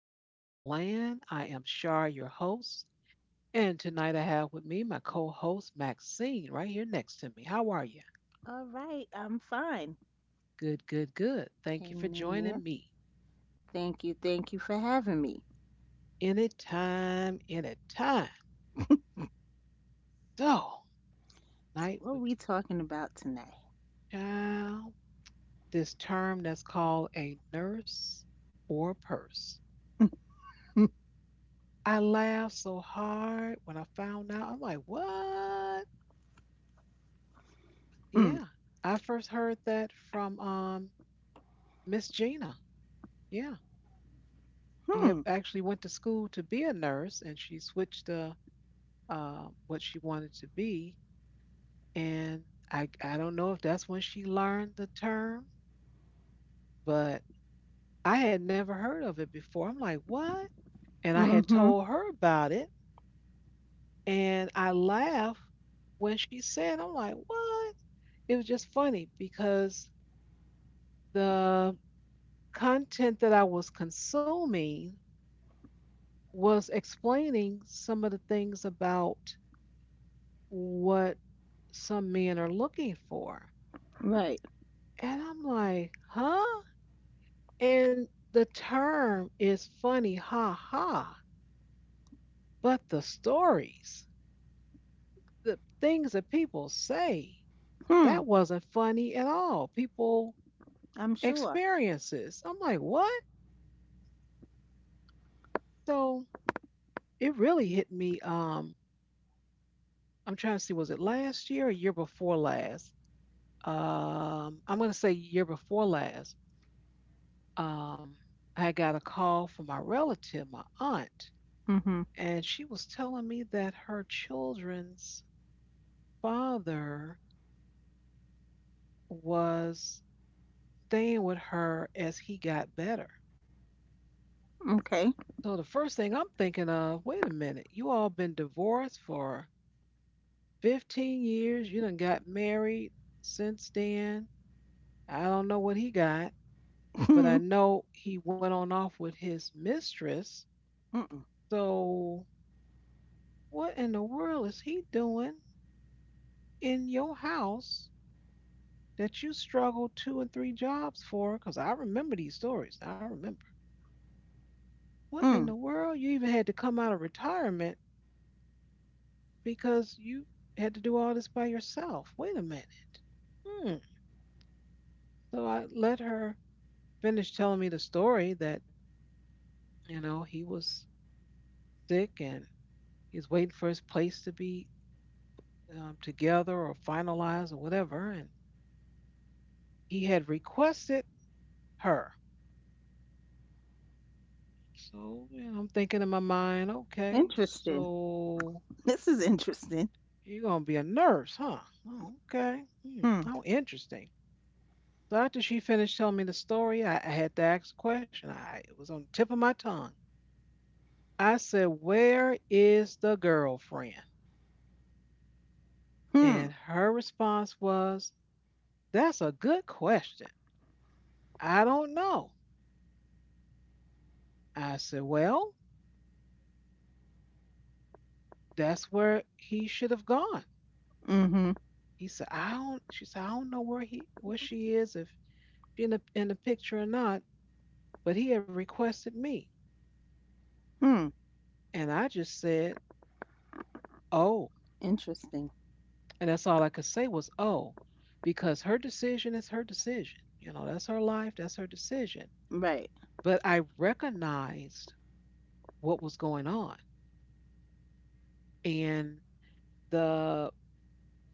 podcast land. I am Shar, your host. And tonight I have with me my co host, Maxine, right here next to me. How are you? All right, I'm fine. Good, good, good. Thank you for Hanging in joining there. me. Thank you for having me. Anytime, anytime. So, So, night what are with we talking about tonight? child, this term that's called a nurse or purse. I laughed so hard when I found out. I'm like, what? Hmm. Yeah. I first heard that from Miss Gina. Yeah. She had Hmm. actually went to school to be a nurse, and she switched to what she wanted to be. And I don't know if that's when she learned the term, but I had never heard of it before. I'm like, what? And I had Mm-hmm. told her about it, and I laughed when she said, I'm like, what? It was just funny because the content that I was consuming was explaining some of the things about what some men are looking for. Right. And I'm like, huh? And the term is funny, ha ha. But the stories, the things that people say, that Hmm. wasn't funny at all. People I'm sure. experiences. I'm like, what? So it really hit me. I'm trying to see, was it last year or year before last? I'm gonna say year before last. Um, I got a call from my relative, my aunt, Mm-hmm. and she was telling me that her children's father was staying with her as he got better. Okay. So the first thing I'm thinking of, wait a minute, you all been divorced for 15 years. You done got married since then. I don't know what he got, but I Hmm. know he went on off with his mistress. Mm-mm. So what in the world is he doing in your house that you struggled two and three jobs for? Because I remember these stories. I remember. What in the Mm. world? You even had to come out of retirement because you had to do all this by yourself. Wait a minute. Hmm. So I let her finish telling me the story that, you know, he was sick and he's waiting for his place to be together or finalized or whatever. And he had requested her. So you know, I'm thinking in my mind, okay, Interesting. so This is interesting. you're gonna be a nurse, huh? Oh, okay. Hmm, Hmm. how interesting. So after she finished telling me the story, I had to ask a question. I it was on the tip of my tongue. I said, where is the girlfriend? Hmm. And her response was, that's a good question. I don't know. I said, well, that's where he should have gone. Mm-hmm. He said, I don't She said, I don't know where he where she is, if she in the picture or not, but he had requested me. Hmm. And I just said, oh. Interesting. And that's all I could say was, oh, because her decision is her decision. You know, that's her life, that's her decision. Right. But I recognized what was going on and the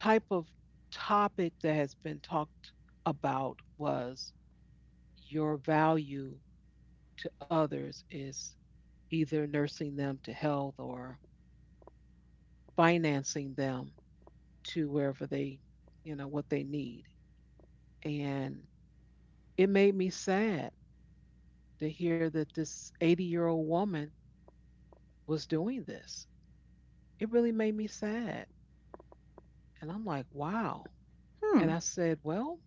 type of topic that has been talked about was your value to others is either nursing them to health or financing them to wherever they, what they need. And it made me sad to hear that this 80-year-old woman was doing this. It really made me sad. And I'm like, wow. Hmm. And I said, well,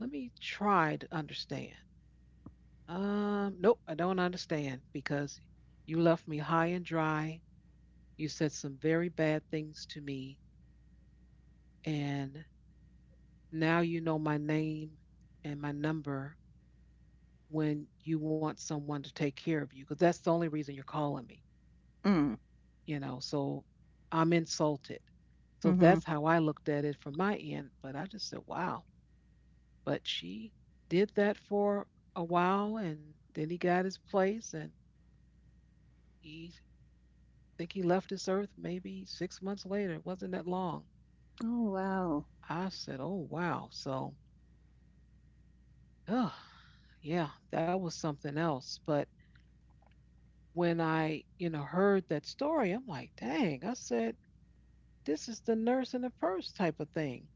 let me try to understand. Nope, I don't understand because you left me high and dry. You said some very bad things to me. And now you know my name and my number when you want someone to take care of you because that's the only reason you're calling me, Mm. you know. So I'm insulted. So Mm-hmm. that's how I looked at it from my end. But I just said, wow. But she did that for a while and then he got his place and he I think he left this earth maybe 6 months later. It wasn't that long. Oh, wow. I said, oh wow. So ugh, yeah, that was something else. But when I heard that story, I'm like, dang, I said, this is the nurse in the purse type of thing.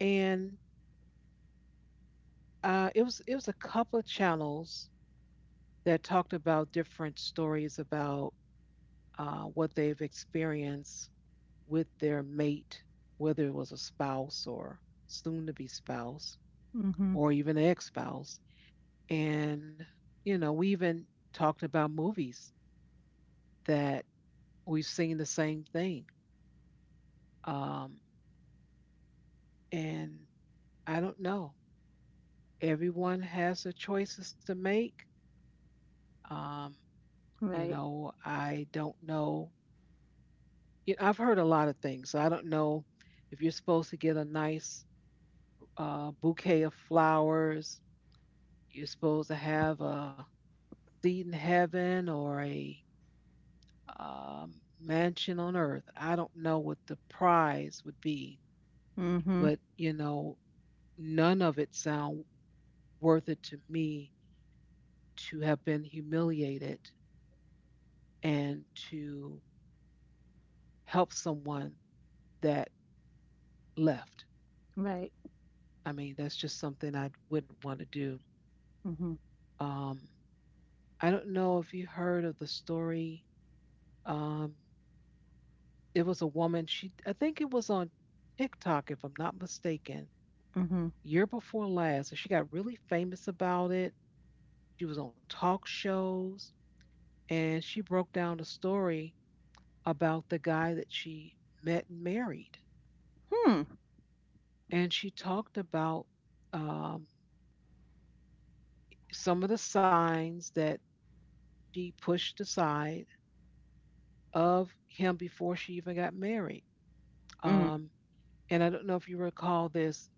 And it was a couple of channels that talked about different stories about what they've experienced with their mate, whether it was a spouse or soon to be spouse Mm-hmm. or even ex spouse. And, you know, we even talked about movies that we've seen the same thing. Um, and I don't know. Everyone has their choices to make. Um, you Right. know, I don't know you I've heard a lot of things. So I don't know if you're supposed to get a nice bouquet of flowers. You're supposed to have a seat in heaven or a um, mansion on earth. I don't know what the prize would be, Mm-hmm. but you know, none of it sound worth it to me to have been humiliated and to help someone that left. Right. I mean, that's just something I wouldn't want to do. Mm-hmm. Um, I don't know if you heard of the story. Um, it was a woman. She, I think it was on TikTok, if I'm not mistaken, Mm-hmm. year before last, and she got really famous about it. She was on talk shows, and she broke down a story about the guy that she met and married, Hmm. and she talked about um, some of the signs that she pushed aside of him before she even got married. Mm. Um, and I don't know if you recall this.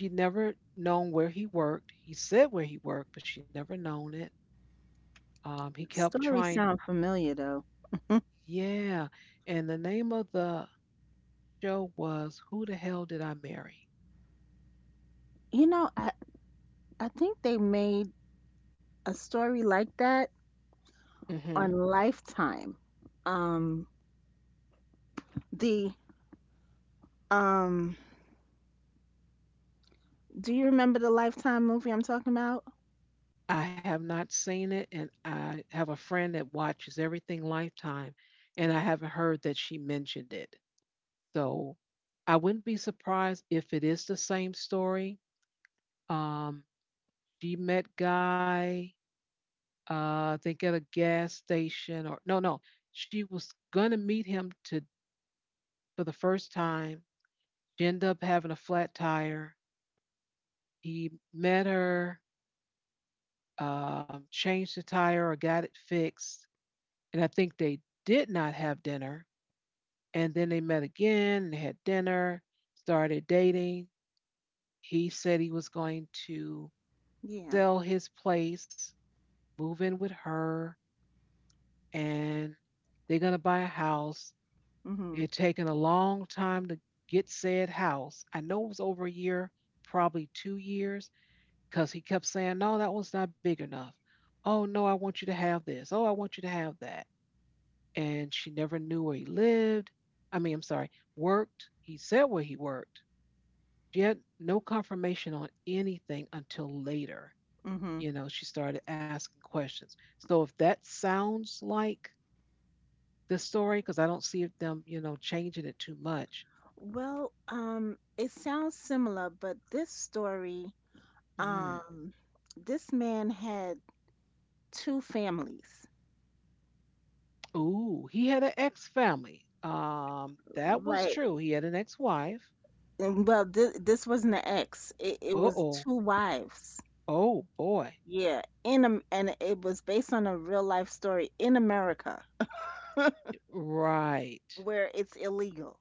She never known where he worked. He said where he worked, but she never known it. He kept Story trying. sound familiar though. Yeah. And the name of the show was Who the Hell Did I Marry? You know, I think they made a story like that Mm-hmm. on Lifetime. Um the um do you remember the Lifetime movie I'm talking about? I have not seen it, and I have a friend that watches everything Lifetime, and I haven't heard that she mentioned it. So I wouldn't be surprised if it is the same story. Um, she met Guy, I think at a gas station or no, no, she was gonna meet him to for the first time. She ended up having a flat tire. He met her, changed the tire or got it fixed, and I think they did not have dinner. And then they met again and had dinner, started dating. He said he was going to Yeah. sell his place, move in with her, and they're gonna buy a house. Mhm. It taken a long time to get said house. I know it was over a year, probably 2 years, because he kept saying, no, that one's not big enough. Oh, no, I want you to have this. Oh, I want you to have that. And she never knew where he lived. I mean, I'm sorry, worked. He said where he worked. She had no confirmation on anything until later. Mhm. You know, she started asking questions. So if that sounds like the story, because I don't see them, you know, changing it too much. Well, it sounds similar, but this story Mm. um this man had two families. Ooh, he had an ex family. That was Right. true. He had an ex wife. And well, this wasn't an ex. It Uh was oh. two wives. Oh boy. Yeah, and it was based on a real life story in America Right. where it's illegal,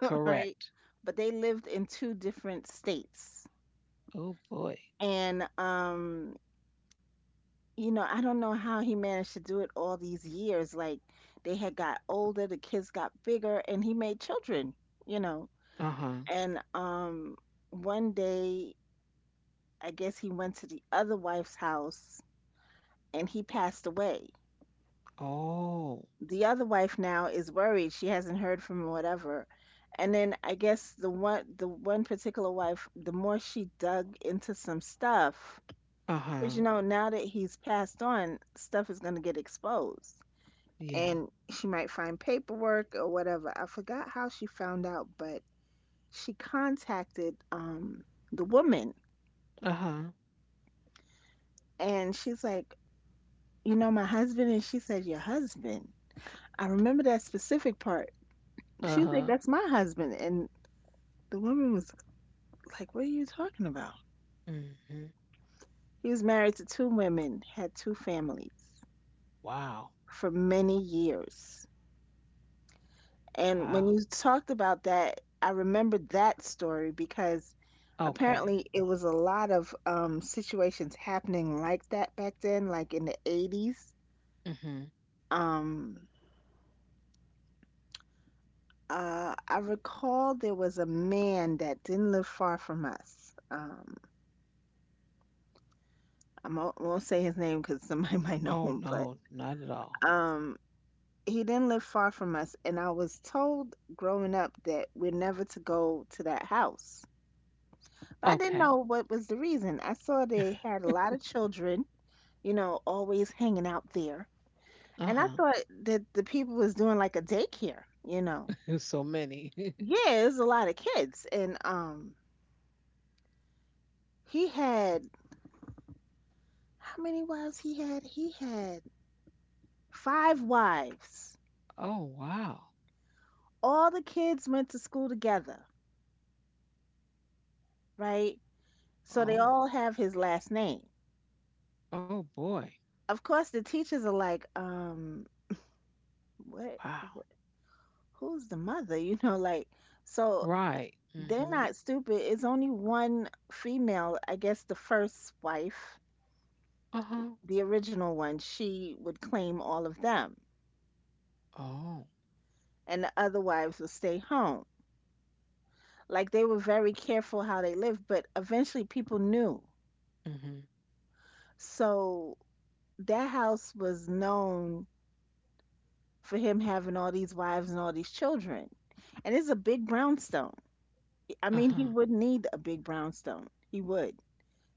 right? Correct. But they lived in two different states. Oh boy. And I don't know how he managed to do it all these years. Like they had got older, the kids got bigger, and he made children, you know. Uh huh. And one day, I guess he went to the other wife's house and he passed away. Oh. The other wife now is worried she hasn't heard from him, whatever. And then I guess the one particular wife, the more she dug into some stuff, Uh because, huh. you know, now that he's passed on, stuff is going to get exposed. Yeah. And she might find paperwork or whatever. I forgot how she found out, but she contacted the woman, Uh huh. and she's like, you know, my husband, and she said, your husband. I remember that specific part. She Uh was like, huh. that's my husband, and the woman was like, what are you talking about? Hmm. He was married to two women, had two families Wow. for many years. And when Wow. you talked about that, I remembered that story because Okay. apparently it was a lot of situations happening like that back then, like in the 80s. Hmm. Um, I recall there was a man that didn't live far from us. I won't say his name because somebody might know Oh him, but no, not at all. um, he didn't live far from us, and I was told growing up that we're never to go to that house. But I didn't Okay. know what was the reason. I saw they had a lot of children, you know, always hanging out there. Uh And I huh. thought that the people was doing like a daycare. so many. yeah, it was a lot of kids. And he had, how many wives he had five wives. oh wow. All the kids went to school together, right? So they Oh. all have his last name. Oh boy. Of course the teachers are like, what, Wow. wh- who's the mother? You know, like, so Right. they're Hmm. not stupid. It's only one female, I guess the first wife, Uh huh. the original one. She would claim all of them. Oh. And the other wives would stay home. Like, they were very careful how they lived, but eventually people knew. Mm-hmm. So that house was known for him having all these wives and all these children. And it's a big brownstone. I mean, he Uh-huh. would need a big brownstone. He would,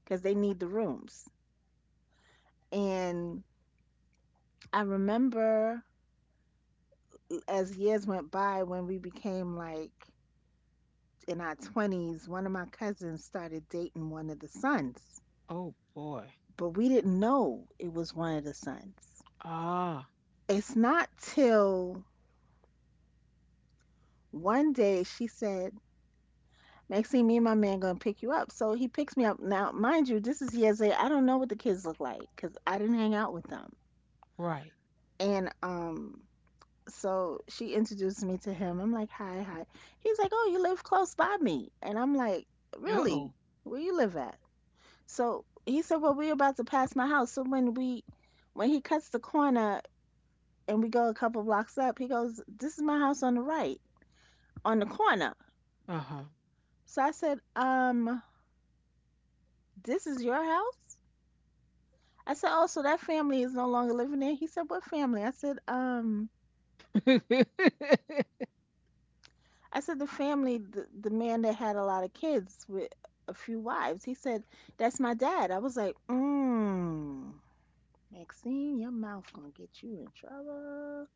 because they need the rooms. And I remember, as years went by, when we became like in our 20s, one of my cousins started dating one of the sons, Oh boy. but we didn't know it was one of the sons. Ah, It's not till one day she said, Maxine, me and my man gonna pick you up. So he picks me up. Now, mind you, this is years later. I don't know what the kids look like because I didn't hang out with them. right. And so she introduced me to him. I'm like, hi, hi. He's like, oh, you live close by me. And I'm like, really? Uh-oh. Where you live at? So he said, well, we're about to pass my house. So when he cuts the corner and we go a couple blocks up, he goes, this is my house on the right, on the corner. Uh-huh. So I said, this is your house? I said, oh, so that family is no longer living there. He said, what family? I said, um, I said the family, the man that had a lot of kids with a few wives. He said, "That's my dad." I was like, "Mmm, Maxine, your mouth gonna get you in trouble."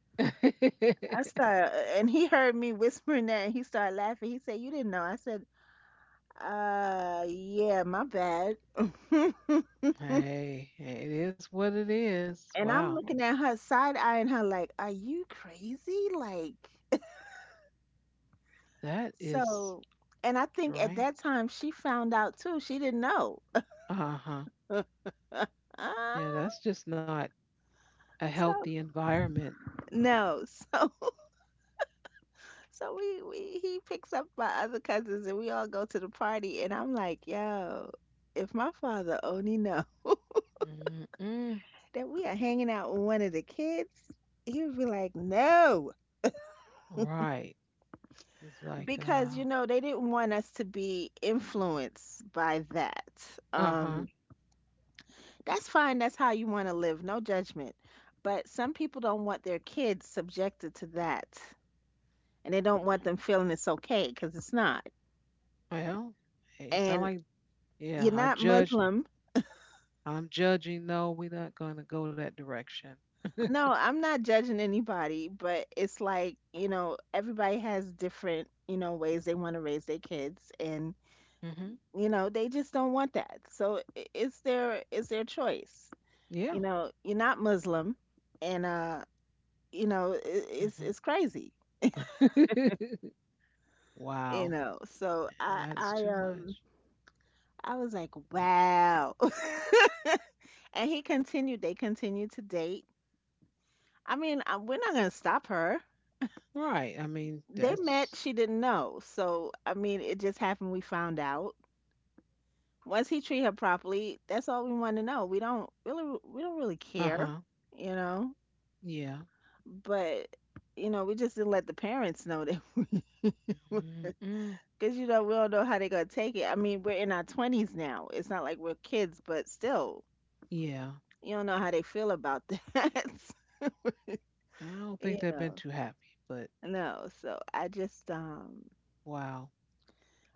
I started, and he heard me whispering that, and he started laughing. He said, "You didn't know?" I said, yeah, my bad." hey, it is what it is. And Wow. I'm looking at her side eyeing her like, "Are you crazy?" Like, That is so, and I think at that strange. time she found out too. She didn't know. Uh-huh. Yeah, Ah, that's just not a healthy so. environment. No, so we he picks up my other cousins and we all go to the party and I'm like, yo, if my father only know Mm-mm. that we are hanging out with one of the kids, he would be like, no, Right. It's like because you know they didn't want us to be influenced by that. uh-huh. Um, that's fine. That's how you want to live. No judgment. But some people don't want their kids subjected to that, and they don't want them feeling it's okay because it's not. Well, hey, it sound And like yeah, you're I not judged Muslim. I'm judging. No, we're not gonna go that direction. No, I'm not judging anybody, but it's like, you know, everybody has different, you know, ways they want to raise their kids and, Mm-hmm. you know, they just don't want that. So it's their choice. You Yeah. know, you're not Muslim and you know, I it's Mhm. it's crazy, you wow. know. So I That's I too um much. I was like, "Wow." And he continued, they continued to date. I mean, we're not going to stop her. Right. I mean, They met, that's she didn't know. So, I mean, it just happened we found out. Once he treat her properly, that's all we want to know. We don't really uh care, huh. you know. Yeah. But, you know, we just didn't let the parents know that Mm-mm. because you know, we don't know how they're gonna take it. I mean, we're in our twenties now. It's not like we're kids, but still, Yeah. you don't know how they feel about that. I don't think You they've been know. too happy, but No, so I just wow.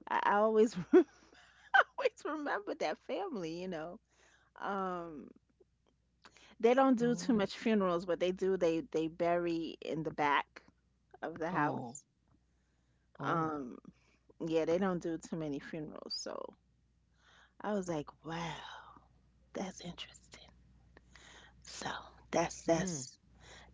I always always remember that family. Um They don't do Oh. too I- much funerals. What they do, they bury in the back of the Oh. house. Oh. Um, yeah, they don't do too many funerals. So I was like, wow, that's interesting. So that's Mm. that's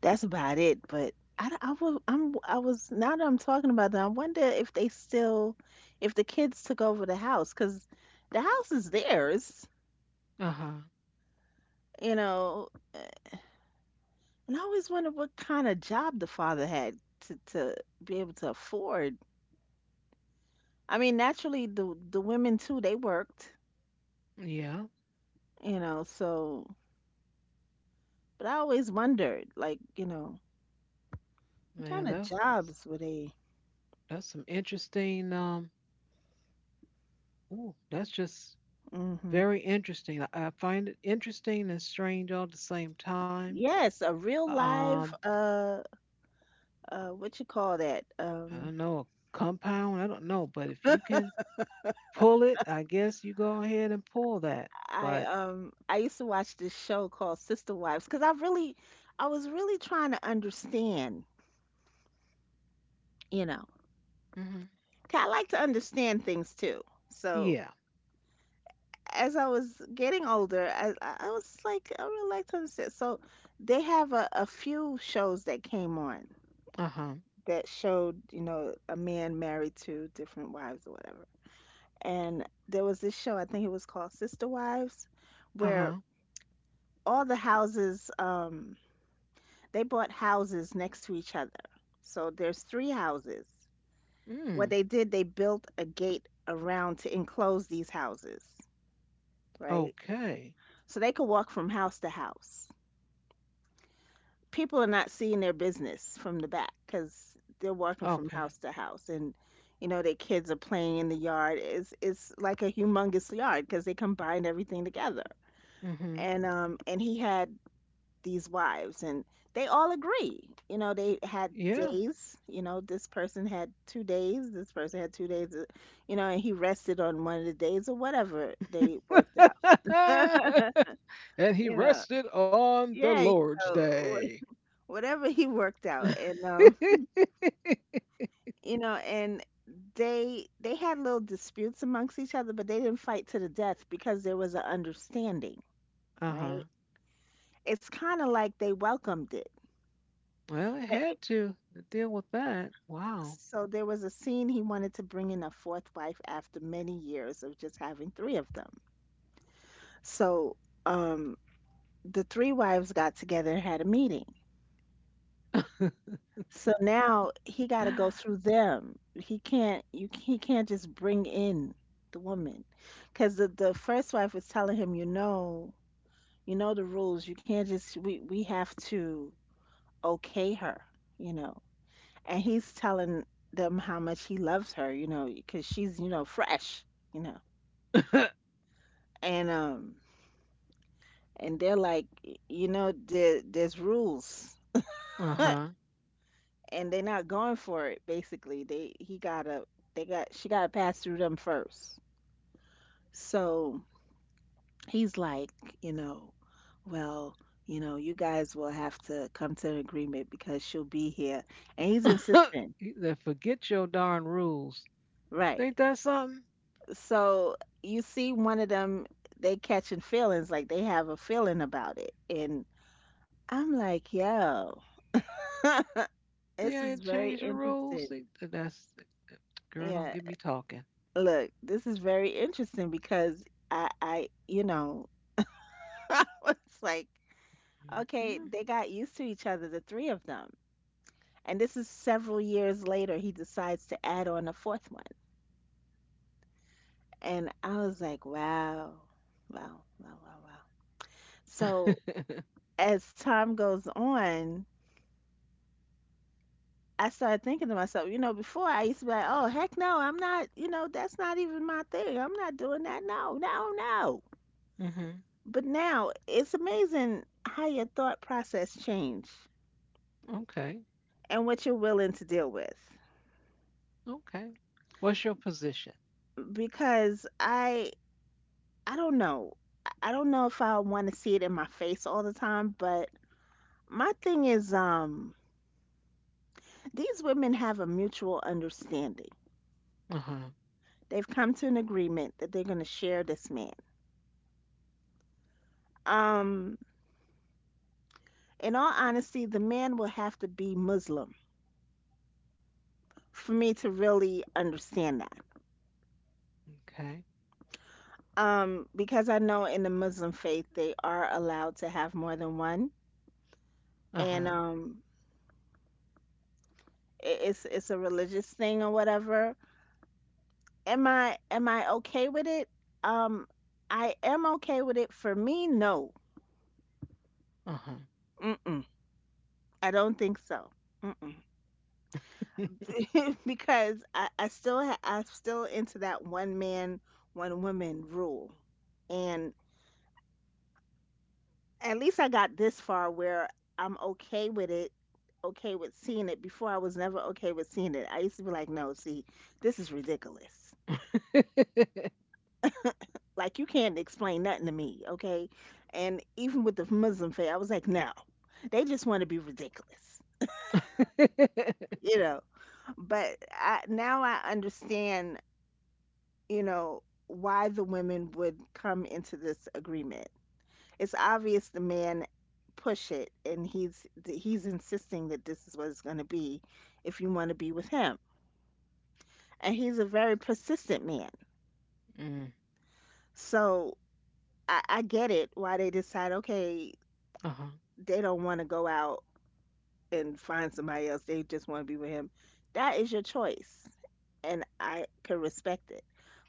that's about it. But I was, now that I'm talking about that, I wonder if they still, if the kids took over the house because the house is theirs, Uh huh. you know. And I always wondered what kind of job the father had to be able to afford. I mean, naturally, the women too, they worked, Yeah. you know. So, but I always wondered, like, you know, what Man, kind of that's jobs were they? Some interesting. Ooh, that's just Hmm. very interesting. I find it interesting and strange all at the same time. Yes, a real Um. live, what you call that? I don't know a compound. I don't know, but if you can pull it, I guess you go ahead and pull that. I But um, I used to watch this show called Sister Wives because I really, I was really trying to understand, you know. mm-hmm. 'Cause I like to understand things too. So Yeah. as I was getting older, I was like, I would like to understand. So they have a few shows that came on Uh huh. that showed, you know, a man married to different wives or whatever. And there was this show, I think it was called Sister Wives, Uh where huh. all the houses, they bought houses next to each other. So there's three houses. What Mm. they did, they built a gate around to enclose these houses, right? Okay. So they could walk from house to house. People are not seeing their business from the back because they're working from Okay. house to house. And you know their kids are playing in the yard. It's like a humongous yard because they combined everything together. Mm-hmm. And he had these wives, and they all agree, you know, they had Yeah. days. You know, this person had 2 days, this person had 2 days, you know, and he rested on one of the days or whatever they worked out. and he You know. rested on the Yeah. You Lord's know, day. wh- whatever he worked out. uh And um you know and they had little disputes amongst each other, but they didn't fight to the death because there was an understanding, right? huh. It's kind of like they welcomed it. Well, it But it, had to deal with that. Wow. so there was a scene he wanted to bring in a fourth wife after many years of just having three of them. So um, the three wives got together and had a meeting. So now he got to go uh through them. He can't just bring in the woman because the first wife was telling him, you know. You know the rules. You can't just we have to okay her, you know. And he's telling them how much he loves her, because she's fresh, you know. And um and they're like, there's rules, huh. and they're not going for it. Basically, they he gotta they got she gotta pass through them first. So he's like, you know, well, you guys will have to come to an agreement because she'll be here, and he's insistent. forget your darn rules. Right. Ain't that something? So you see one of them, they catching feelings, like they have a feeling about it. And I'm like, yo, See how this it is very changed the rules? interesting. See, that's girl. Don't Yeah, get me talking. look, this is very interesting because I, I was like, okay, they got used to each other, the three of them. And this is several years later, he decides to add on a fourth one. And I was like, wow, wow, wow, wow, wow. So Mm-mm. as time goes on, I started thinking to myself, before I used to be like, oh, heck no, I'm not, that's not even my thing. I'm not doing that. No, no, no. mm-hmm. But now it's amazing how your thought process change Okay. and what you're willing to deal with. Okay. What's your position? Because I don't know. I don't know if I want to see it in my face all the time, but my thing is, these women have a mutual understanding. Uh huh. They've come to an agreement that they're going to share this man. Um, in all honesty, the man will have to be Muslim for me to really understand that. Okay. Because I know in the Muslim faith they are allowed to have more than one, Uh huh. and it's a religious thing or whatever. Am I okay with it? Um, I am okay with it. For me, no. Uh huh. Mm-mm. I don't think so. Mm-mm. Because I'm still into that one man, one woman rule, and at least I got this far where I'm okay with it, okay with seeing it. Before I was never okay with seeing it. I used to be like, no, see, this is ridiculous. Like you can't explain nothing to me, okay? And even with the Muslim faith, I was like, no, they just want to be ridiculous, you know. But now I understand, why the women would come into this agreement. It's obvious the man push it and he's insisting that this is what it's going to be if you want to be with him, and he's a very persistent man. mm, So I get it why they decide, okay, uh-huh. they don't want to go out and find somebody else. They just want to be with him. That is your choice, and I can respect it,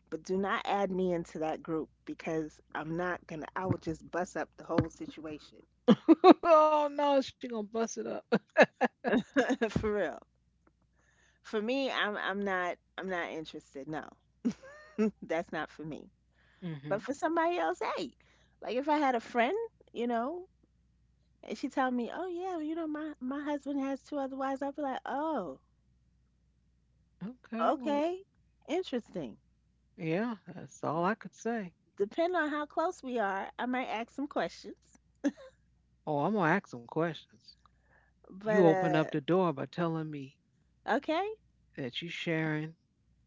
but do not add me into that group because I'm not gonna. I will just bust up the whole situation. oh no, she gonna bust it up. For real. For me, I'm not interested. No, that's not for me. Hmm. But for somebody else, hey, like if I had a friend, you know, and she tell me, oh yeah, well, my husband has two other wives, I'd be like, oh, Okay. Well, okay, interesting. yeah, that's all I could say. Depending on how close we are, I might ask some questions. Oh, I'm gonna ask some questions. You But open up the door by telling me okay, that you sharing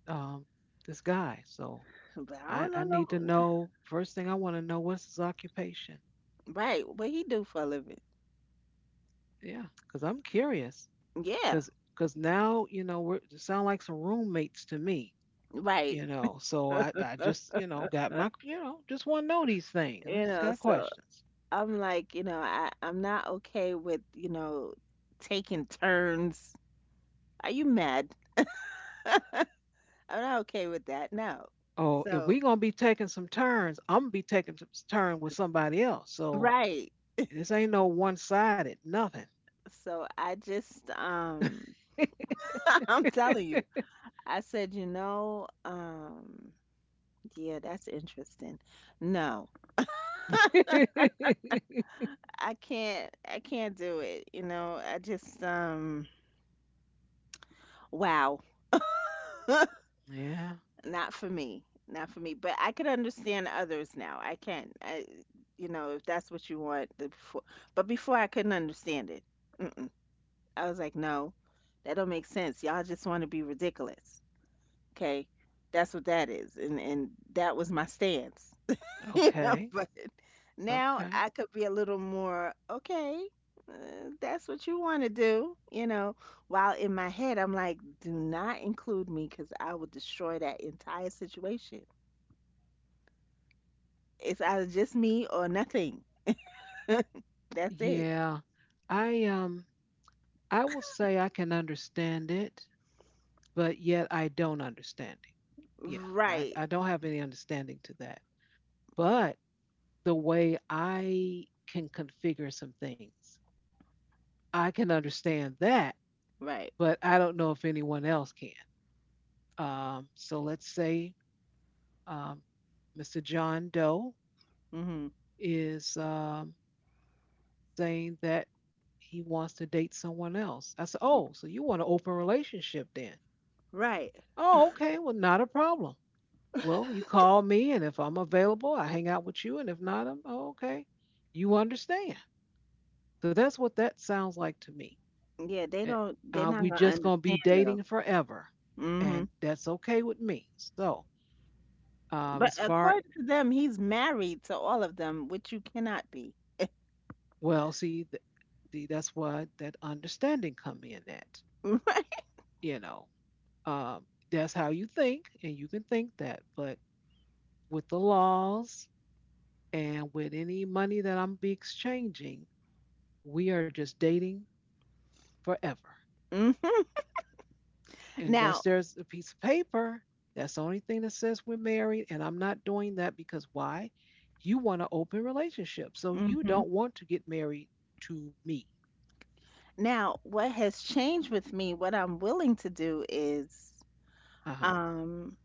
um, this guy. So but I I, don't I know. need to No, know. First thing I want to know what's his occupation. right, what he do for a living. Yeah, because I'm curious. Yeah, Because now you know we're you sound like some roommates to me. right. You know, so I just you know got my you know just want to know these things. I You just know, got so questions. I'm like, I'm not okay with, taking turns. Are you mad? I'm not okay with that. No. Oh, if So, we gonna be taking some turns, I'm gonna be taking some turn with somebody else. So right. this ain't no one sided nothing. So I just, I'm telling you, I said, yeah, that's interesting. No, I can't do it. I just, wow. Yeah. Not for me. Not for me. But I could understand others now. I can. If that's what you want. The before, but before I couldn't understand it. Mm-mm. I was like, no, that don't make sense. Y'all just want to be ridiculous. Okay, that's what that is, and that was my stance. you know, Okay. but now Okay. I could be a little more okay. That's what you want to do. While in my head, I'm like, do not include me because I will destroy that entire situation. It's either just me or nothing. That's it. Yeah. I I will say I can understand it, but yet I don't understand it. Yeah. I, Right. I don't have any understanding to that. But the way I can configure some things, I can understand that, Right. but I don't know if anyone else can. So let's say um Mr. John Doe Hmm. is saying that he wants to date someone else. I said, oh, so you want an open relationship then? Right. Oh, okay. Well, not a problem. Well, you call me, and if I'm available, I hang out with you, and if not, I'm oh, okay. You understand. So that's what that sounds like to me. Yeah, they Eh, don't. They're not we gonna just gonna be understand though. dating forever, Hmm. and that's okay with me. So, But as far according to them, he's married to all of them, which you cannot be. well, see, that's what that understanding come in. Right. you know, um, that's how you think, and you can think that, but with the laws and with any money that I'm be exchanging, we are just dating forever. Hmm. Unless Now, there's a piece of paper, that's the only thing that says we're married. And I'm not doing that because why? You want an open relationship. So you hmm don't want to get married to me. now, what has changed with me? What I'm willing to do is, Uh huh. um,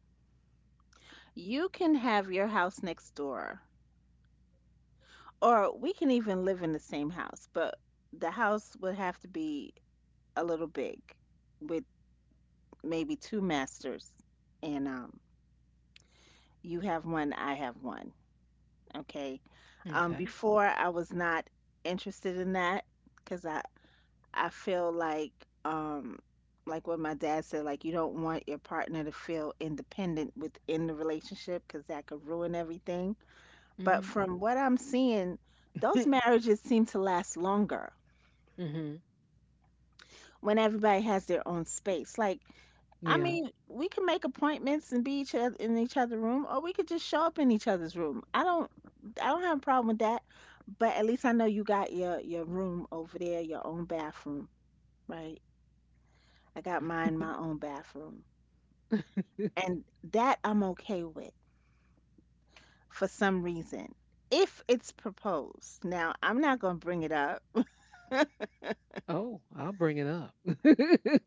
you can have your house next door, or we can even live in the same house, but the house would have to be a little big with maybe two masters, and you have one, I have one. Okay. um Okay. before I was not interested in that because I feel um like what my dad said, like you don't want your partner to feel independent within the relationship because that could ruin everything. But Mm-hmm. from what I'm seeing, those marriages seem to last longer Mm-hmm. when everybody has their own space, like I yeah. mean, we can make appointments and be each other in each other's room, or we could just show up in each other's room. I don't have a problem with that. But at least I know you got your room over there, your own bathroom, right? I got mine, my own bathroom, and that I'm okay with for some reason. If it's proposed, now I'm not gonna bring it up, Oh, I'll bring it up.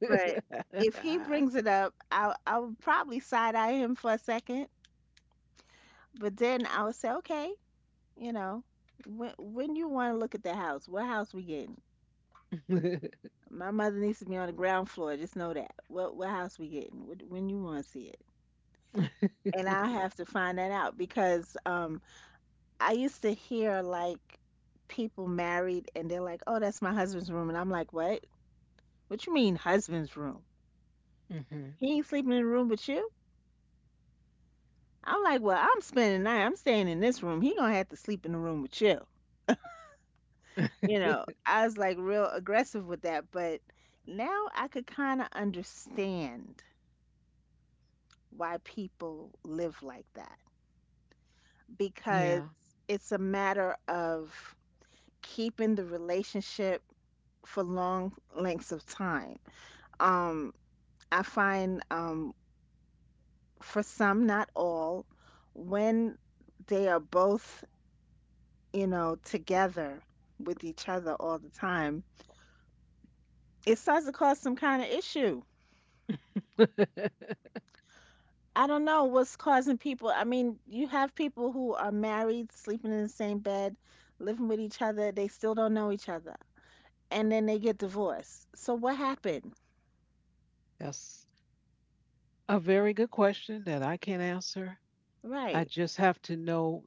but if he brings it up, I would probably side eye him for a second, but then I would say okay. You know, when you want to look at the house, what house we getting? My mother needs to be on the ground floor. Just know that. What house we getting? When you want to see it, and I have to find that out because I used to hear like people married and they're like, "Oh, that's my husband's room," and I'm like, "What? What you mean husband's room? Mm-hmm. He ain't sleeping in the room with you?" I'm like, "Well, I'm spending the night. I'm staying in this room. He gonna have to sleep in the room with you." I was like real aggressive with that, but now I could kind of understand why people live like that because yeah. it's a matter of keeping the relationship for long lengths of time. Um, I find for some, not all, when they are both, together with each other all the time, it starts to cause some kind of issue. I don't know what's causing people. I mean, you have people who are married, sleeping in the same bed, living with each other. They still don't know each other. And then they get divorced. So what happened? That's a very good question that I can't answer. I Right, just have to know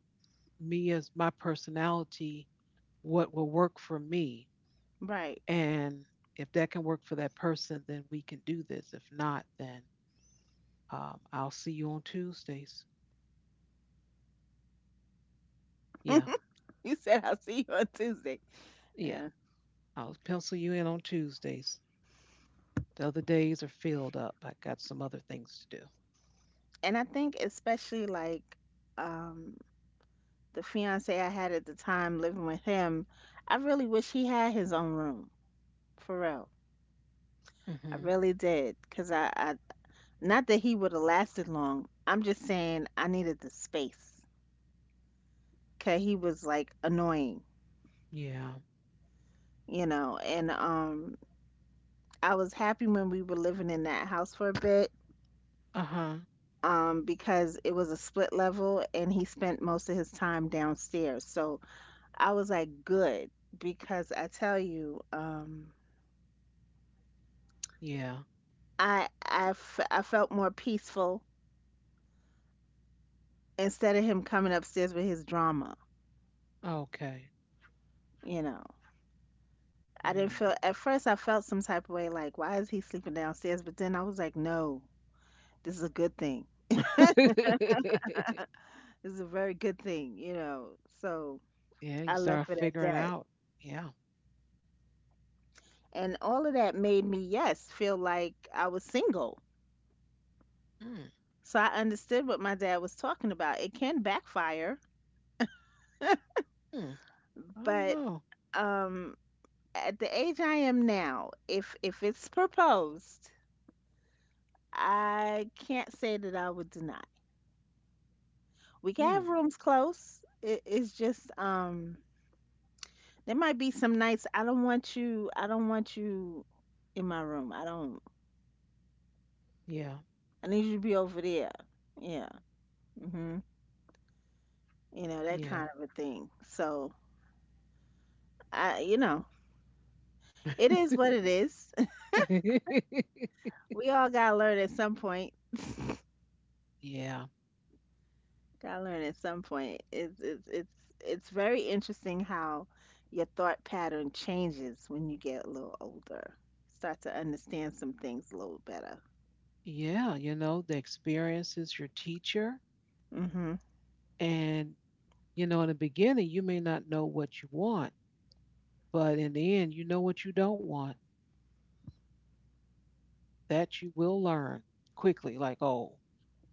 me as my personality, what will work for me. right. And if that can work for that person, then we can do this. If not, then I'll see you on Tuesdays. Yeah, You said, I'll see you on Tuesday. yeah. Yeah. I'll pencil you in on Tuesdays. The other days are filled up. I got some other things to do. And I think, especially like um, the fiance I had at the time living with him, I really wish he had his own room, for real. I Hmm. really did. Not that he would have lasted long. I'm just saying I needed the space. Cause he was like annoying, Yeah. you know. And I was happy when we were living in that house for a bit, Uh huh. um, because it was a split level and he spent most of his time downstairs. So I was like good because I tell you, um Yeah. I I, f- I felt more peaceful instead of him coming upstairs with his drama, Okay. you know. I didn't Mm. feel at first I felt some type of way like why is he sleeping downstairs? But then I was like, no, this is a good thing. This is a very good thing. So Yeah, you I start left it at figuring that. out. Yeah. And all of that made me, yes, feel like I was single. Mm. So I understood what my dad was talking about. It can backfire, Mm. I don't but know. um at the age I am now, if it's proposed, I can't say that I would deny. We can Mm. have rooms close. It's just. There might be some nights I don't want you. I don't want you in my room. I don't. Yeah. I need you to be over there. Yeah. Hmm. You know that Yeah. kind of a thing. So I, you know, it is what it is. We all gotta learn at some point. Yeah. Gotta learn at some point. It's very interesting how your thought pattern changes when you get a little older. Start to understand some things a little better. Yeah. You know, the experience is your teacher. Hmm. And, you know, in the beginning, you may not know what you want, but in the end, you know what you don't want. That you will learn quickly. Like, oh,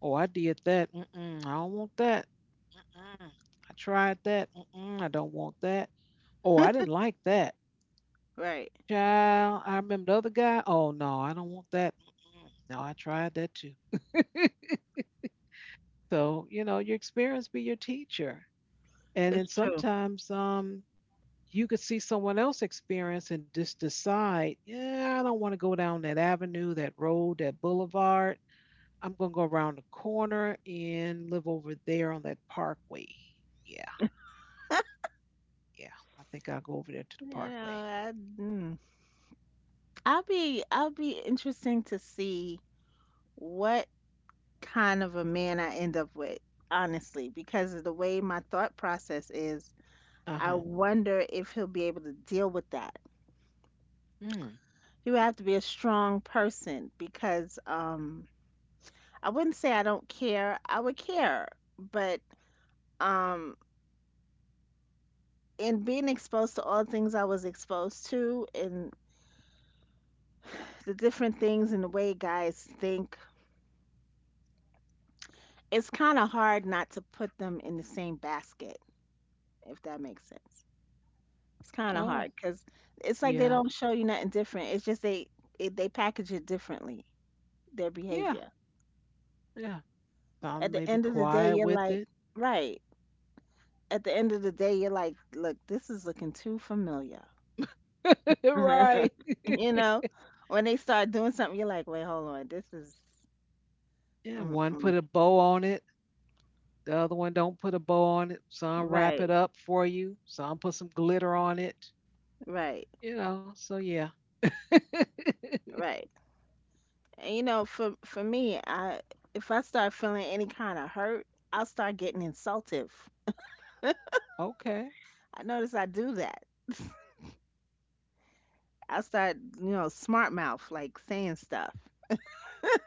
oh, I did that. Mm-mm, I don't want that. Mm-mm. I tried that. Mm-mm, I don't want that. Oh, I didn't like that. Right. Child, I remember the other guy. Oh, no, I don't want that. Mm-mm. No, I tried that too. So, you know, your experience be your teacher. And then It's true. sometimes you could see someone else experience and just decide, yeah, I don't want to go down that avenue, that road, that boulevard. I'm going to go around the corner and live over there on that parkway. Yeah, yeah. I think I'll go over there to the You know, parkway. I, mm, I'll be interesting to see what kind of a man I end up with, honestly, because of the way my thought process is, Uh I huh. wonder if he'll be able to deal with that. Mm. You have to be a strong person, because I wouldn't say I don't care. I would care, but um in being exposed to all things I was exposed to and the different things and the way guys think, it's kind of hard not to put them in the same basket, if that makes sense. It's kind of Oh, hard because it's like they yeah, don't show you nothing different. It's just they it, they package it differently, their yeah, behavior. yeah. At Some may the be end of the day, quiet you're with like, it. right. At the end of the day, you're like, look, this is looking too familiar. right. you know, when they start doing something, you're like, wait, hold on, this is Yeah, one put mm-mm. a bow on it. The other one don't put a bow on it. Some wrap it Right, up for you. Some put some glitter on it. right, You know, so yeah. right. And you know, for me, I if I start feeling any kind of hurt, I'll start getting insultive. okay. I notice I do that. I'll start, you know, smart mouth, like saying stuff,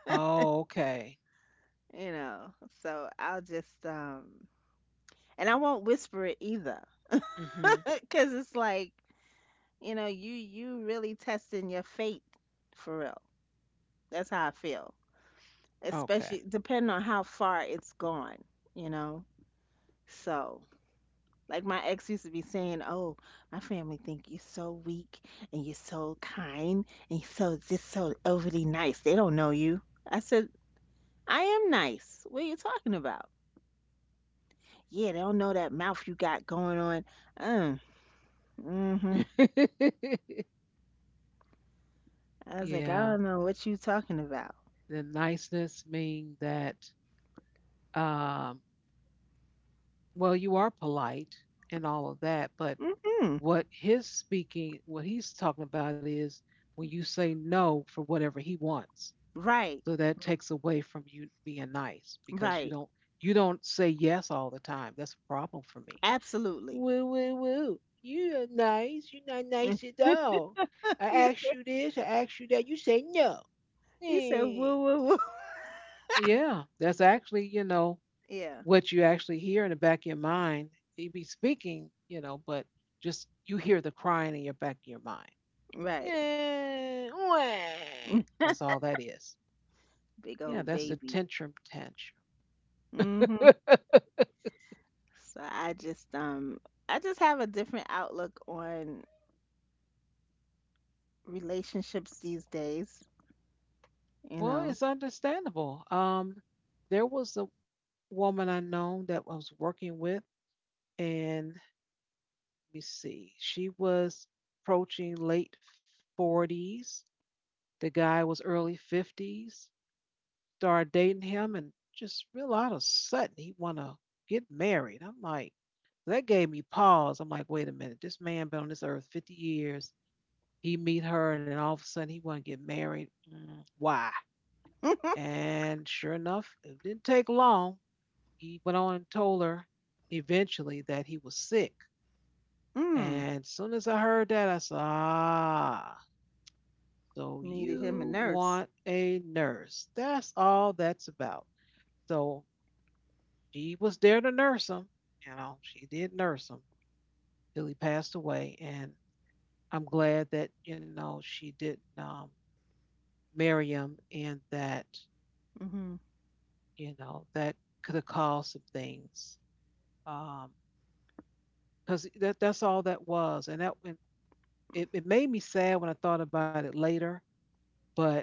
Oh, okay. you know. So I'll just, and I won't whisper it either, Hmm. because it's like, you know, you really testing your fate for real. That's how I feel, Okay. especially depending on how far it's gone, you know. So, like my ex used to be saying, "Oh, my family think you're so weak and you're so kind and you're so just so overly nice. They don't know you." I said, I am nice. What are you talking about? Yeah, they don't know that mouth you got going on. Um, mm-hmm. I was like, I yeah. don't know what you talking about. The niceness mean that um well you are polite and all of that, but Mm-hmm. what his speaking what he's talking about is when you say no for whatever he wants. Right, So that takes away from you being nice because right. You don't say yes all the time. That's a problem for me. Absolutely. Woo woo woo. You are nice. You're not nice at all. I You asked you said, this, I asked you that. You say no. you said Eh. woo, woo, woo. Yeah, that's actually, you know, Yeah, what you actually hear in the back of your mind. You be speaking, you know, but just you hear the crying in your back of your mind. right. Eh, wah. That's all that is. Big Yeah, old that's the baby. tantrum tantrum. Mm-hmm. So I just have a different outlook on relationships these days, you Well, know. it's understandable. There was a woman I know that I was working with, and let me see, she was approaching late 40s. The guy was early 50s. Started dating him, and just real out of sudden, he want to get married. I'm like, that gave me pause. I'm like, wait a minute, this man been on this earth 50 years. He meet her, and then all of a sudden he want to get married. Mm, why? And sure enough, it didn't take long. He went on and told her eventually that he was sick. Mm. And as soon as I heard that, I said, ah, so Needed him you a want nurse. a nurse. That's all that's about. So she was there to nurse him. You know, she did nurse him till he passed away. And I'm glad that, you know, she didn't marry him, and that, Mm-hmm. you know, that could have caused some things. Um, because that's all that was, and it made me sad when I thought about it later, but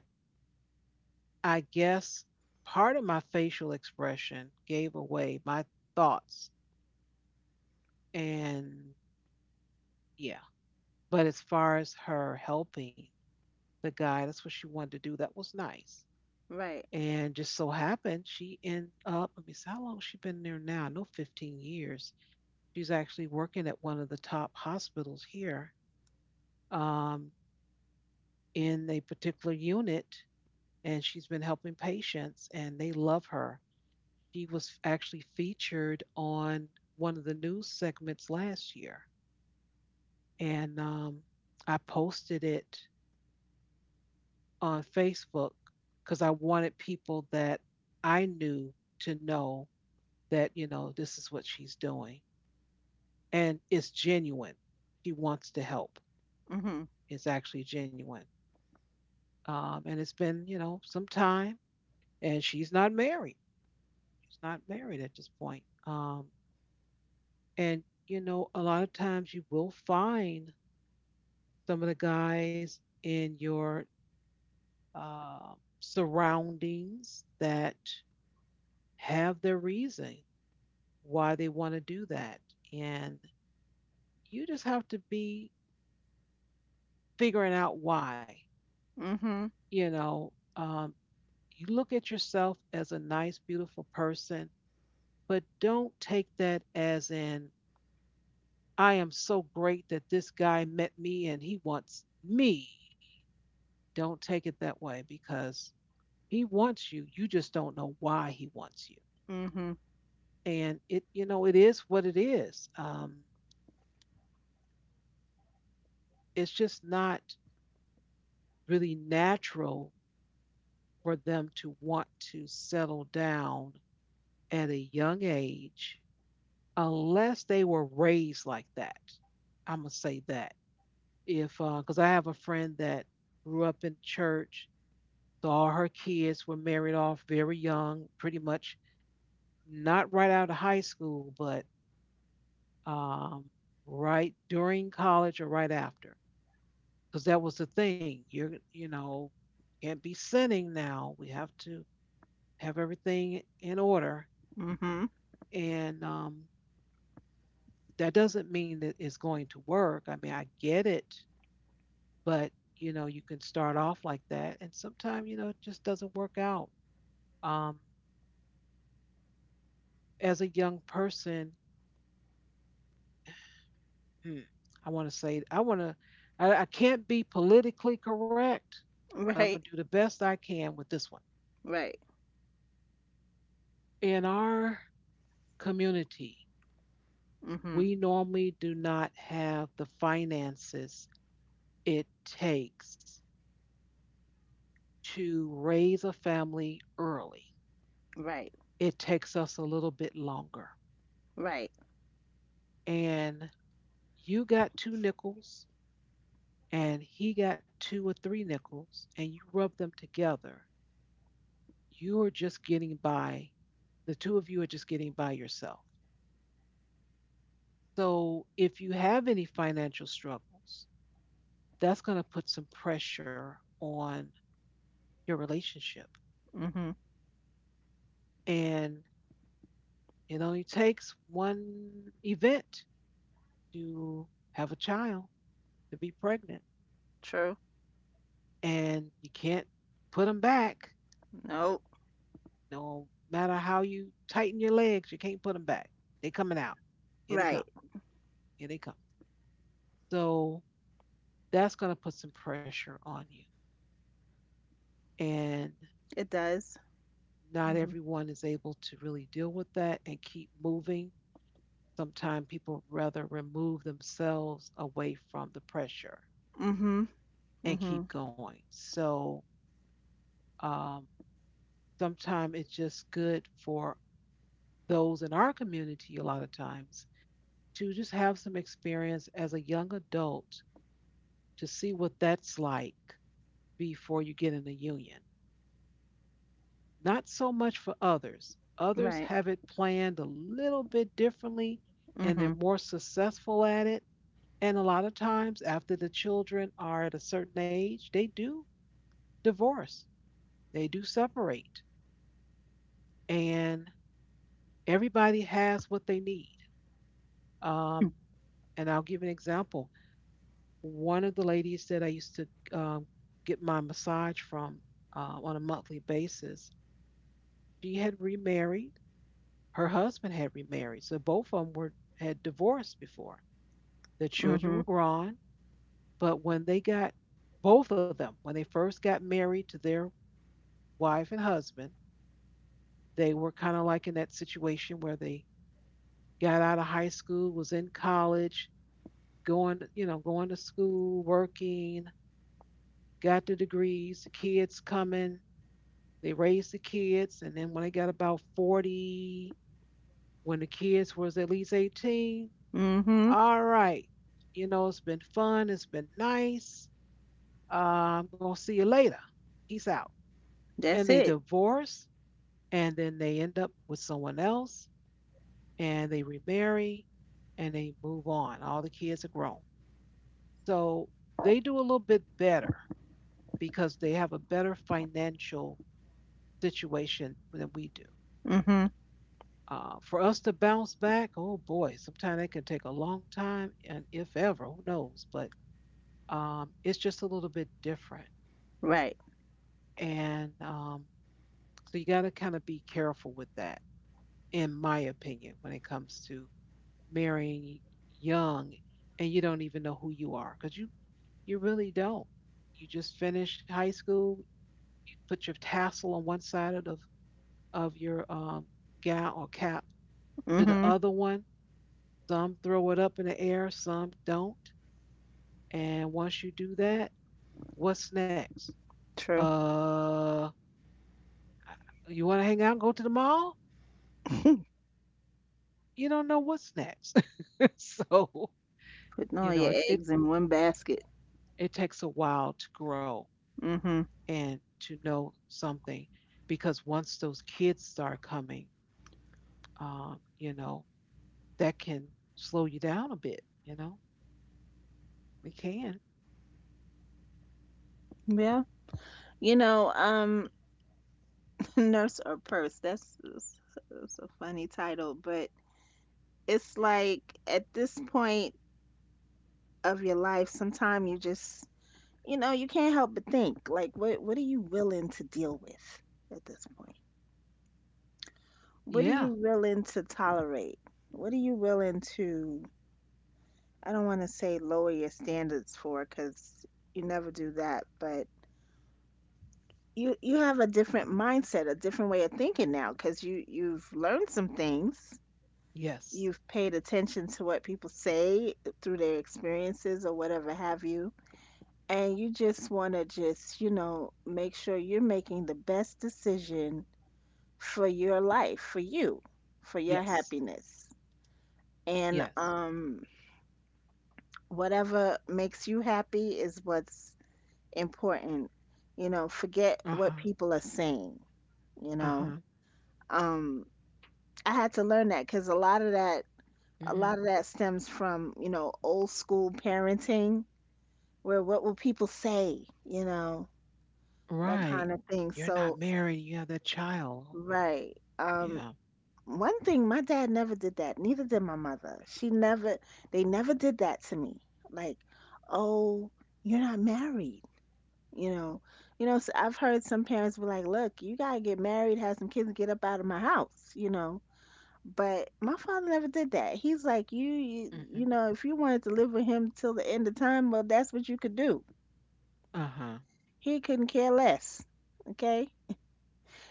I guess part of my facial expression gave away my thoughts. And yeah, but as far as her helping the guy, that's what she wanted to do. That was nice. Right. And just so happened, she ended up, let me see, how long has she been there now? No, 15 years. She's actually working at one of the top hospitals here um, in a particular unit, and she's been helping patients, and they love her. She was actually featured on one of the news segments last year. And I posted it on Facebook because I wanted people that I knew to know that, you know, this is what she's doing. And it's genuine. She wants to help. Mhm. It's actually genuine. And it's been, you know, some time. And she's not married. She's not married at this point. And, you know, a lot of times you will find some of the guys in your uh, surroundings that have their reason why they want to do that. And you just have to be figuring out why. Mhm. You know, you look at yourself as a nice, beautiful person, but don't take that as in, I am so great that this guy met me and he wants me. Don't take it that way because he wants you. You just don't know why he wants you. Mhm. And it, you know, it is what it is. It's just not really natural for them to want to settle down at a young age unless they were raised like that. I'm gonna say that if, because I have a friend that grew up in church, so all her kids were married off very young, pretty much not right out of high school, but um right during college or right after, because that was the thing. You're, you know, can't be sinning now. We have to have everything in order. Mhm. And that doesn't mean that it's going to work. I mean, I get it, but, you know, you can start off like that. And sometimes, you know, it just doesn't work out. Um, as a young person, hmm, I want to say, I want to, I can't be politically correct, but I'm going to Right. do the best I can with this one. Right. In our community, Mhm. we normally do not have the finances it takes to raise a family early. Right. It takes us a little bit longer. Right. And you got two nickels, and he got two or three nickels, and you rub them together. You are just getting by. The two of you are just getting by yourself. So if you have any financial struggles, that's going to put some pressure on your relationship. Mhm. And it only takes one event to have a child, to be pregnant, True. and you can't put them back. Nope. No matter how you tighten your legs, you can't put them back. They coming out. Here they come. Right. Here they come. So that's going to put some pressure on you, and It does. not Mhm. everyone is able to really deal with that and keep moving. Sometimes people rather remove themselves away from the pressure Mhm. and keep Mhm. going. So um, sometimes it's just good for those in our community a lot of times to just have some experience as a young adult to see what that's like before you get in a union. Not so much for others. Others Right. have it planned a little bit differently and they're Mhm. more successful at it. And a lot of times, after the children are at a certain age, they do divorce, they do separate, and everybody has what they need. Um, And I'll give an example. One of the ladies that I used to um, get my massage from on a monthly basis, she had remarried. Her husband had remarried. So both of them were, had divorced before. The children Mhm. were grown. But when they got, both of them, when they first got married to their wife and husband, they were kind of like in that situation where they got out of high school, was in college, going to school, working, got the degrees, the kids coming, they raised the kids, and then when they got about 40, when the kids was at least 18, Mhm. all right, you know, it's been fun, it's been nice. I'm gonna see you later. Peace out. And That's they it. divorce, and then they end up with someone else, and they remarry, and they move on. All the kids are grown. So they do a little bit better because they have a better financial situation than we do. Mhm. For us to bounce back, oh boy, sometimes it can take a long time, and if ever, who knows? But it's just a little bit different, Right. and so you got to kind of be careful with that, in my opinion, when it comes to marrying young, and you don't even know who you are because you really don't. You just finished high school, you put your tassel on one side of of your gown or cap to the Mhm. other one. Some throw it up in the air, some don't. And once you do that, what's next? True. Uh, you want to hang out and go to the mall? You don't know what's next. So, Putting all you your know, it, it eggs in one basket. it takes a while to grow Mhm. and to know something because once those kids start coming, um, you know, that can slow you down a bit. It can. Yeah. You know, nurse or purse. that's, that's a funny title, but it's like at this point of your life, sometimes you just, you know, you can't help but think, like, what are you willing to deal with at this point? What are you Yeah. willing to tolerate? What are you willing to, I don't want to say lower your standards for, because you never do that, but you have a different mindset, a different way of thinking now, because you you've learned some things. Yes. You've paid attention to what people say through their experiences or whatever have you, and you just want to just, you know, make sure you're making the best decision for your life, for you, for your Yes. happiness, and Yes. Whatever makes you happy is what's important. You know, forget Uh-huh. what people are saying, you know. Uh-huh. um I had to learn that, cuz a lot of that, a Hmm. lot of that stems from, you know, old school parenting, where what will people say, you know, that Right. kind of thing. You're not So married, you have that child. right. Yeah. One thing, my dad never did that. Neither did my mother. She never, they never did that to me. Like, oh, you're not married. You know, you know. So I've heard some parents were like, "Look, you gotta get married, have some kids, get up out of my house." You know, but my father never did that. He's like, You Hmm. know, if you wanted to live with him till the end of time, well, that's what you could do." Uh huh. He couldn't care less. Okay.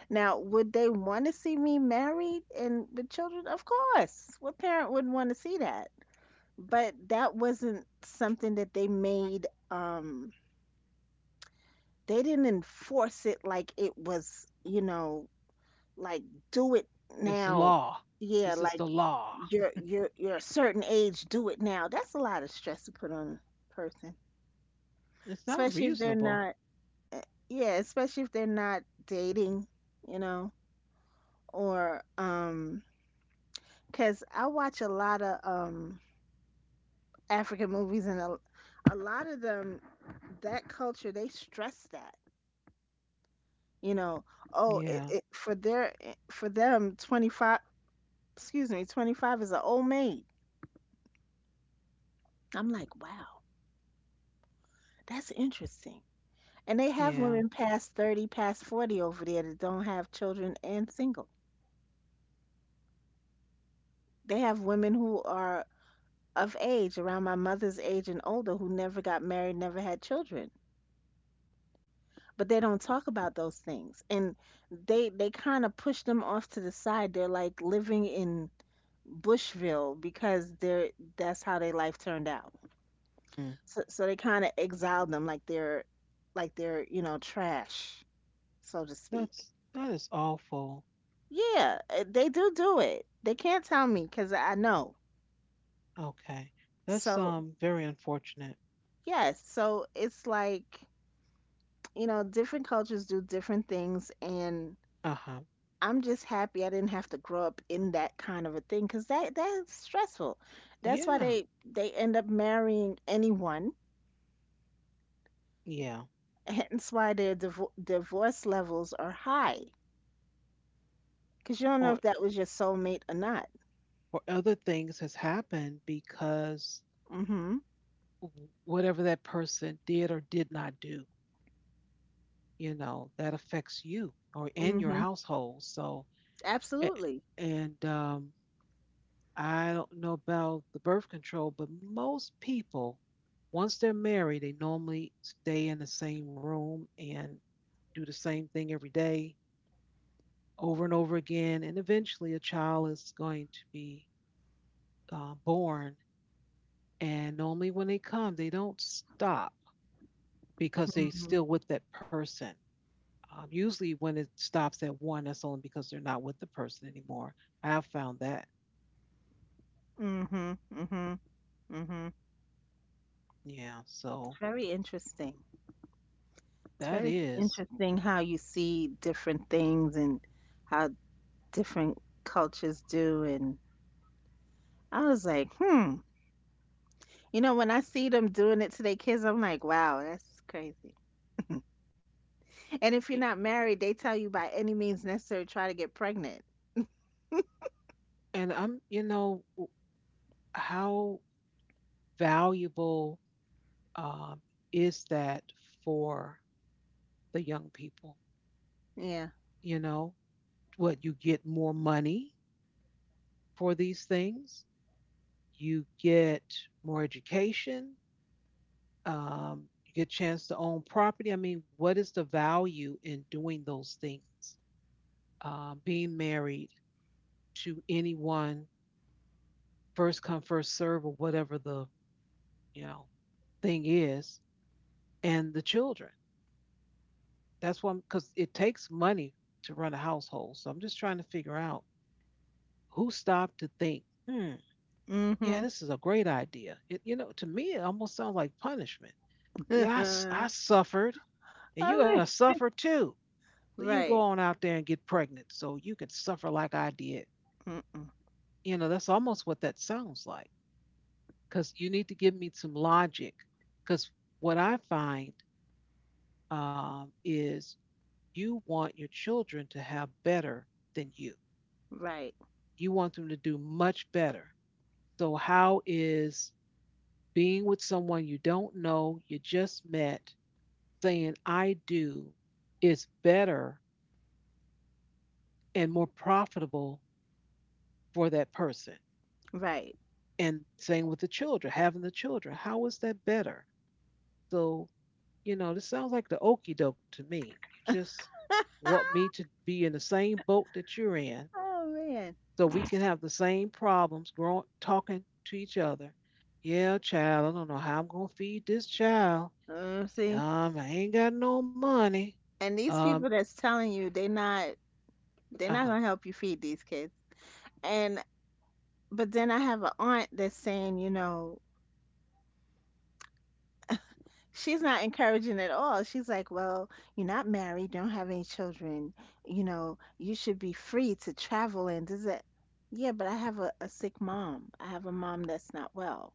Now, would they want to see me married and with children? Of course. What parent wouldn't want to see that? But that wasn't something that they made they didn't enforce it like it was, you know, like do it It's now. law. Yeah, This is like the law. you're you're a certain age, do it now. That's a lot of stress to put on a person, It's not especially if they're reasonable. not eh, yeah, especially if they're not dating, you know, or because I watch a lot of African movies, and a lot of them, that culture, they stress that. You know, oh, Yeah. For their for them, 25, excuse me, 25 is an old maid. I'm like, wow, that's interesting. And they have Yeah. women past 30, past 40 over there that don't have children and single. They have women who are of age, around my mother's age and older, who never got married, never had children, but they don't talk about those things, and they kind of push them off to the side. They're like living in bushville because they're that's how their life turned out. Mm. So, so they kind of exile them like they're like they're, you know, trash, so to speak. That's that is awful. Yeah, they do do it. They can't tell me because I know. Okay. That's So very unfortunate. yes, so it's like, you know, different cultures do different things, and Uh-huh. I'm just happy I didn't have to grow up in that kind of a thing, because that's stressful. That's why Yeah. they end up marrying anyone. Yeah. Hence why their divorce levels are high, because you don't know Or if that was your soulmate or not. or other things has happened because Mm-hmm. Whatever that person did or did not do, you know, that affects you or and your Mm-hmm. household. So a- Absolutely. and I don't know about the birth control, but most people, once they're married, they normally stay in the same room and do the same thing every day over and over again. And eventually, a child is going to be born. And normally, when they come, they don't stop because they're Mm-hmm. still with that person. Usually, when it stops at one, that's only because they're not with the person anymore. I've found that. Mm-hmm. Mm-hmm. Mm-hmm. Yeah. It's So very interesting. that It's very is. interesting how you see different things and how different cultures do. And I was like, hmm. You know, when I see them doing it to their kids, I'm like, wow, that's crazy. And if eh, you're not married, they tell you by any means necessary try to get pregnant. And I'm, you know, how valuable um, is that for the young people? Yeah. You know, what you get more money for these things, you get more education, you get a chance to own property. I mean, what is the value in doing those things? Being married to anyone, first come, first serve, or whatever the you know thing is, and the children. That's one because it takes money to run a household. So I'm just trying to figure out who stopped to think, hmm, yeah, Mm-hmm. this is a great idea. It, you know, to me, it almost sounds like punishment. Yeah, I Oh, suffered, and you're going to man. suffer too. So you go Right. on out there and get pregnant so you can suffer like I did. Mm-mm. You know, that's almost what that sounds like because you need to give me some logic. Because what I find is you want your children to have better than you. Right. You want them to do much better. So, how is being with someone you don't know, you just met, saying, I do, is better and more profitable for that person? Right. And same with the children, having the children. How is that better? So, you know, this sounds like the okie doke to me. You just want me to be in the same boat that you're in Oh, man. so we can have the same problems growing talking to each other. Yeah, child, I don't know how I'm gonna feed this child. See, I ain't got no money. and these Um, people that's telling you they not, uh they're not huh, gonna help you feed these kids. And but then I have an aunt that's saying, you know, she's not encouraging at all. She's like, "Well, you're not married, don't have any children. You know, you should be free to travel and does it." Yeah, but I have a sick mom. I have a mom that's not well.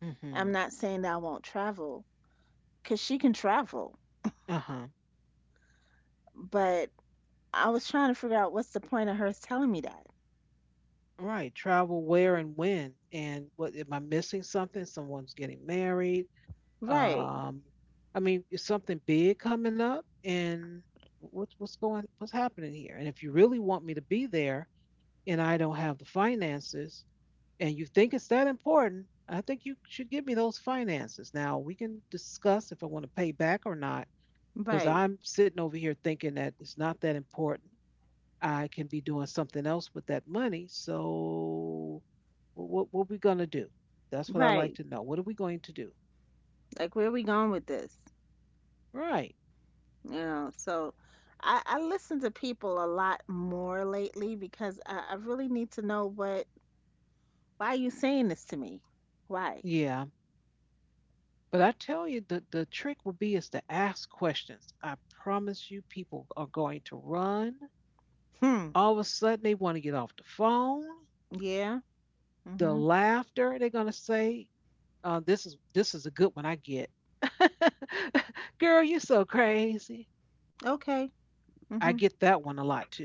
mm-hmm, I'm not saying that I won't travel because she can travel, uh huh. but I was trying to figure out what's the point of her telling me that. Right, travel where and when, and what am I missing? Something? Someone's getting married. Right, Um, I mean, is something big coming up? And what's going? What's happening here? And if you really want me to be there, and I don't have the finances, and you think it's that important, I think you should give me those finances. Now we can discuss if I want to pay back or not, because right, I'm sitting over here thinking that it's not that important. I can be doing something else with that money. So what are we gonna do? That's what I like right. to know. What are we going to do? Like, where are we going with this? Right. You know, so I listen to people a lot more lately because I really need to know what why are you saying this to me? Why? Yeah. But I tell you the trick will be is to ask questions. I promise you people are going to run. Hmm. All of a sudden they want to get off the phone, Yeah. the Mm-hmm. laughter, they're gonna say, this is a good one I get. Girl, you so crazy. Okay. I Mm-hmm. get that one a lot too.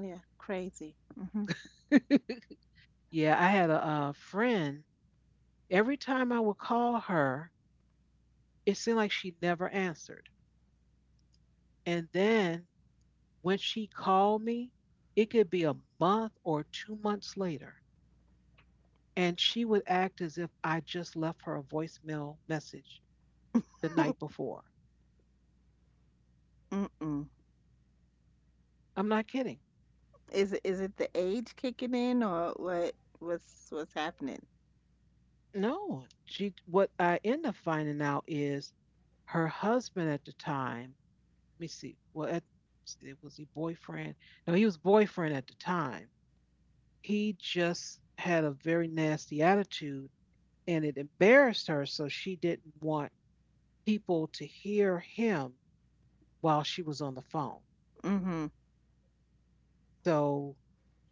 Yeah. Crazy. Mm-hmm. Yeah, I had a friend. Every time I would call her, it seemed like she never answered. And then when she called me, it could be a month or 2 months later, and she would act as if I just left her a voicemail message the night before. Mm-mm. I'm not kidding. Is it the age kicking in or what? What's happening? No, she, what I end up finding out is her husband at the time. Let me see. Well, it was he boyfriend. No, he was boyfriend at the time. He just had a very nasty attitude, and it embarrassed her. So she didn't want people to hear him while she was on the phone. Mm-hmm. So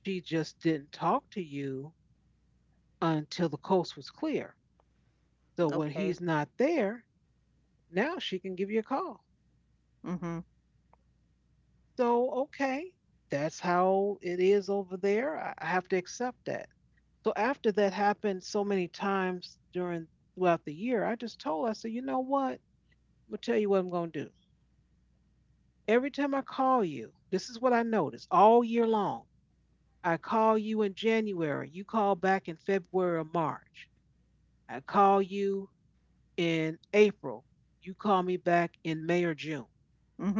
she just didn't talk to you until the coast was clear. So when Okay. he's not there, now she can give you a call. Mm-hmm. So, okay, that's how it is over there. I have to accept that. So after that happened so many times during throughout the year, I just told her, I said, you know what? I'll tell you what I'm gonna do. Every time I call you, this is what I notice all year long. I call you in January, you call back in February or March. I call you in April, you call me back in May or June.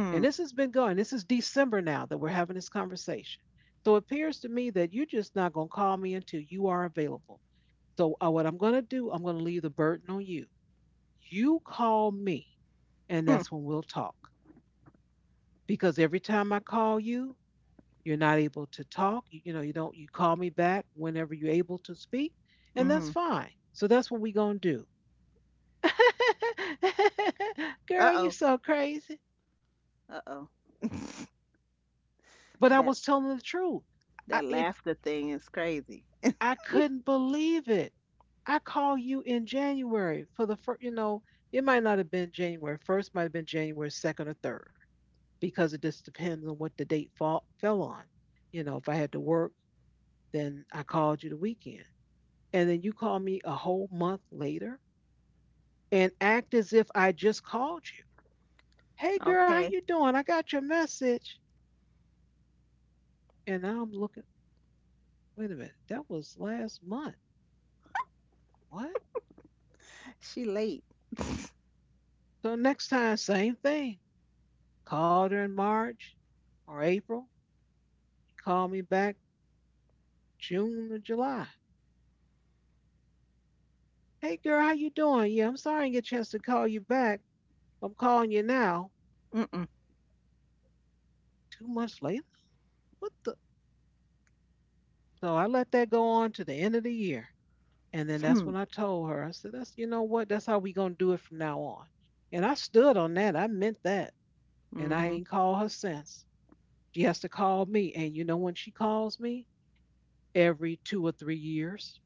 And this has been going. This is December now that we're having this conversation. So it appears to me that you're just not going to call me until you are available. So what I'm going to do, I'm going to leave the burden on you. You call me, and Hmm. that's when we'll talk. Because every time I call you, you're not able to talk. You know, you don't. You call me back whenever you're able to speak, and that's Mm-hmm. fine. So that's what we're going to do. Girl, you are Uh-oh. so crazy. Uh-oh. But I That was telling the truth. I, that if laughter thing is crazy. I couldn't believe it. I called you in January for the first, you know, it might not have been January 1st, might have been January 2nd or 3rd because it just depends on what the date fell on. You know, if I had to work, then I called you the weekend. And then you call me a whole month later and act as if I just called you. Hey girl, how you Okay. doing? I got your message. And I'm looking, wait a minute, that was last month. What? She late. So next time, same thing. Called her in March or April. Called me back June or July. Hey girl, how you doing? Yeah, I'm sorry I didn't get a chance to call you back. I'm calling you now. Mm-mm. 2 months later? What the? So I let that go on to the end of the year. And then that's Hmm. when I told her, I said, that's, you know what? That's how we going to do it from now on. And I stood on that. I meant that. And I Mm-hmm. ain't called her since. She has to call me. And you know when she calls me? Every 2 or 3 years.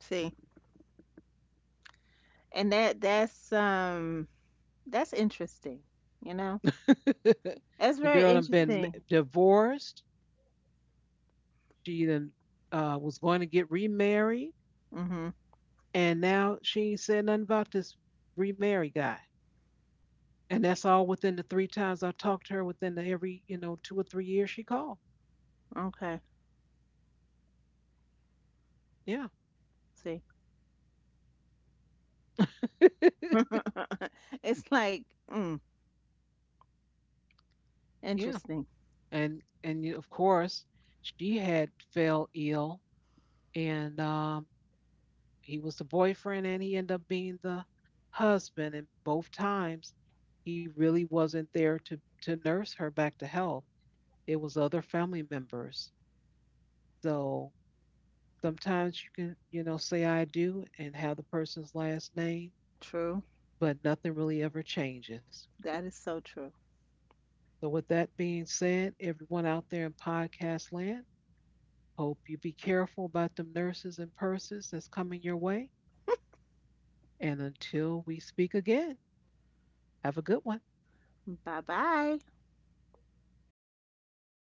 See, and that's that's interesting, you know. That's The very girl had been interesting. m- divorced. She then was going to get remarried, Mhm. and now she ain't said nothing about this remarry guy. And that's all within the three times I talked to her within the every 2 or 3 years she called. Okay. Yeah, See. it's like, mm, yeah. interesting. And of course she had fell ill, and he was the boyfriend and he ended up being the husband, and both times he really wasn't there to nurse her back to health. It was other family members, so sometimes you can say I do and have the person's last name, True. but nothing really ever changes. That is so true. So with that being said, everyone out there in podcast land, hope you be careful about them nurses and purses that's coming your way, and until we speak again, have a good one. Bye-bye.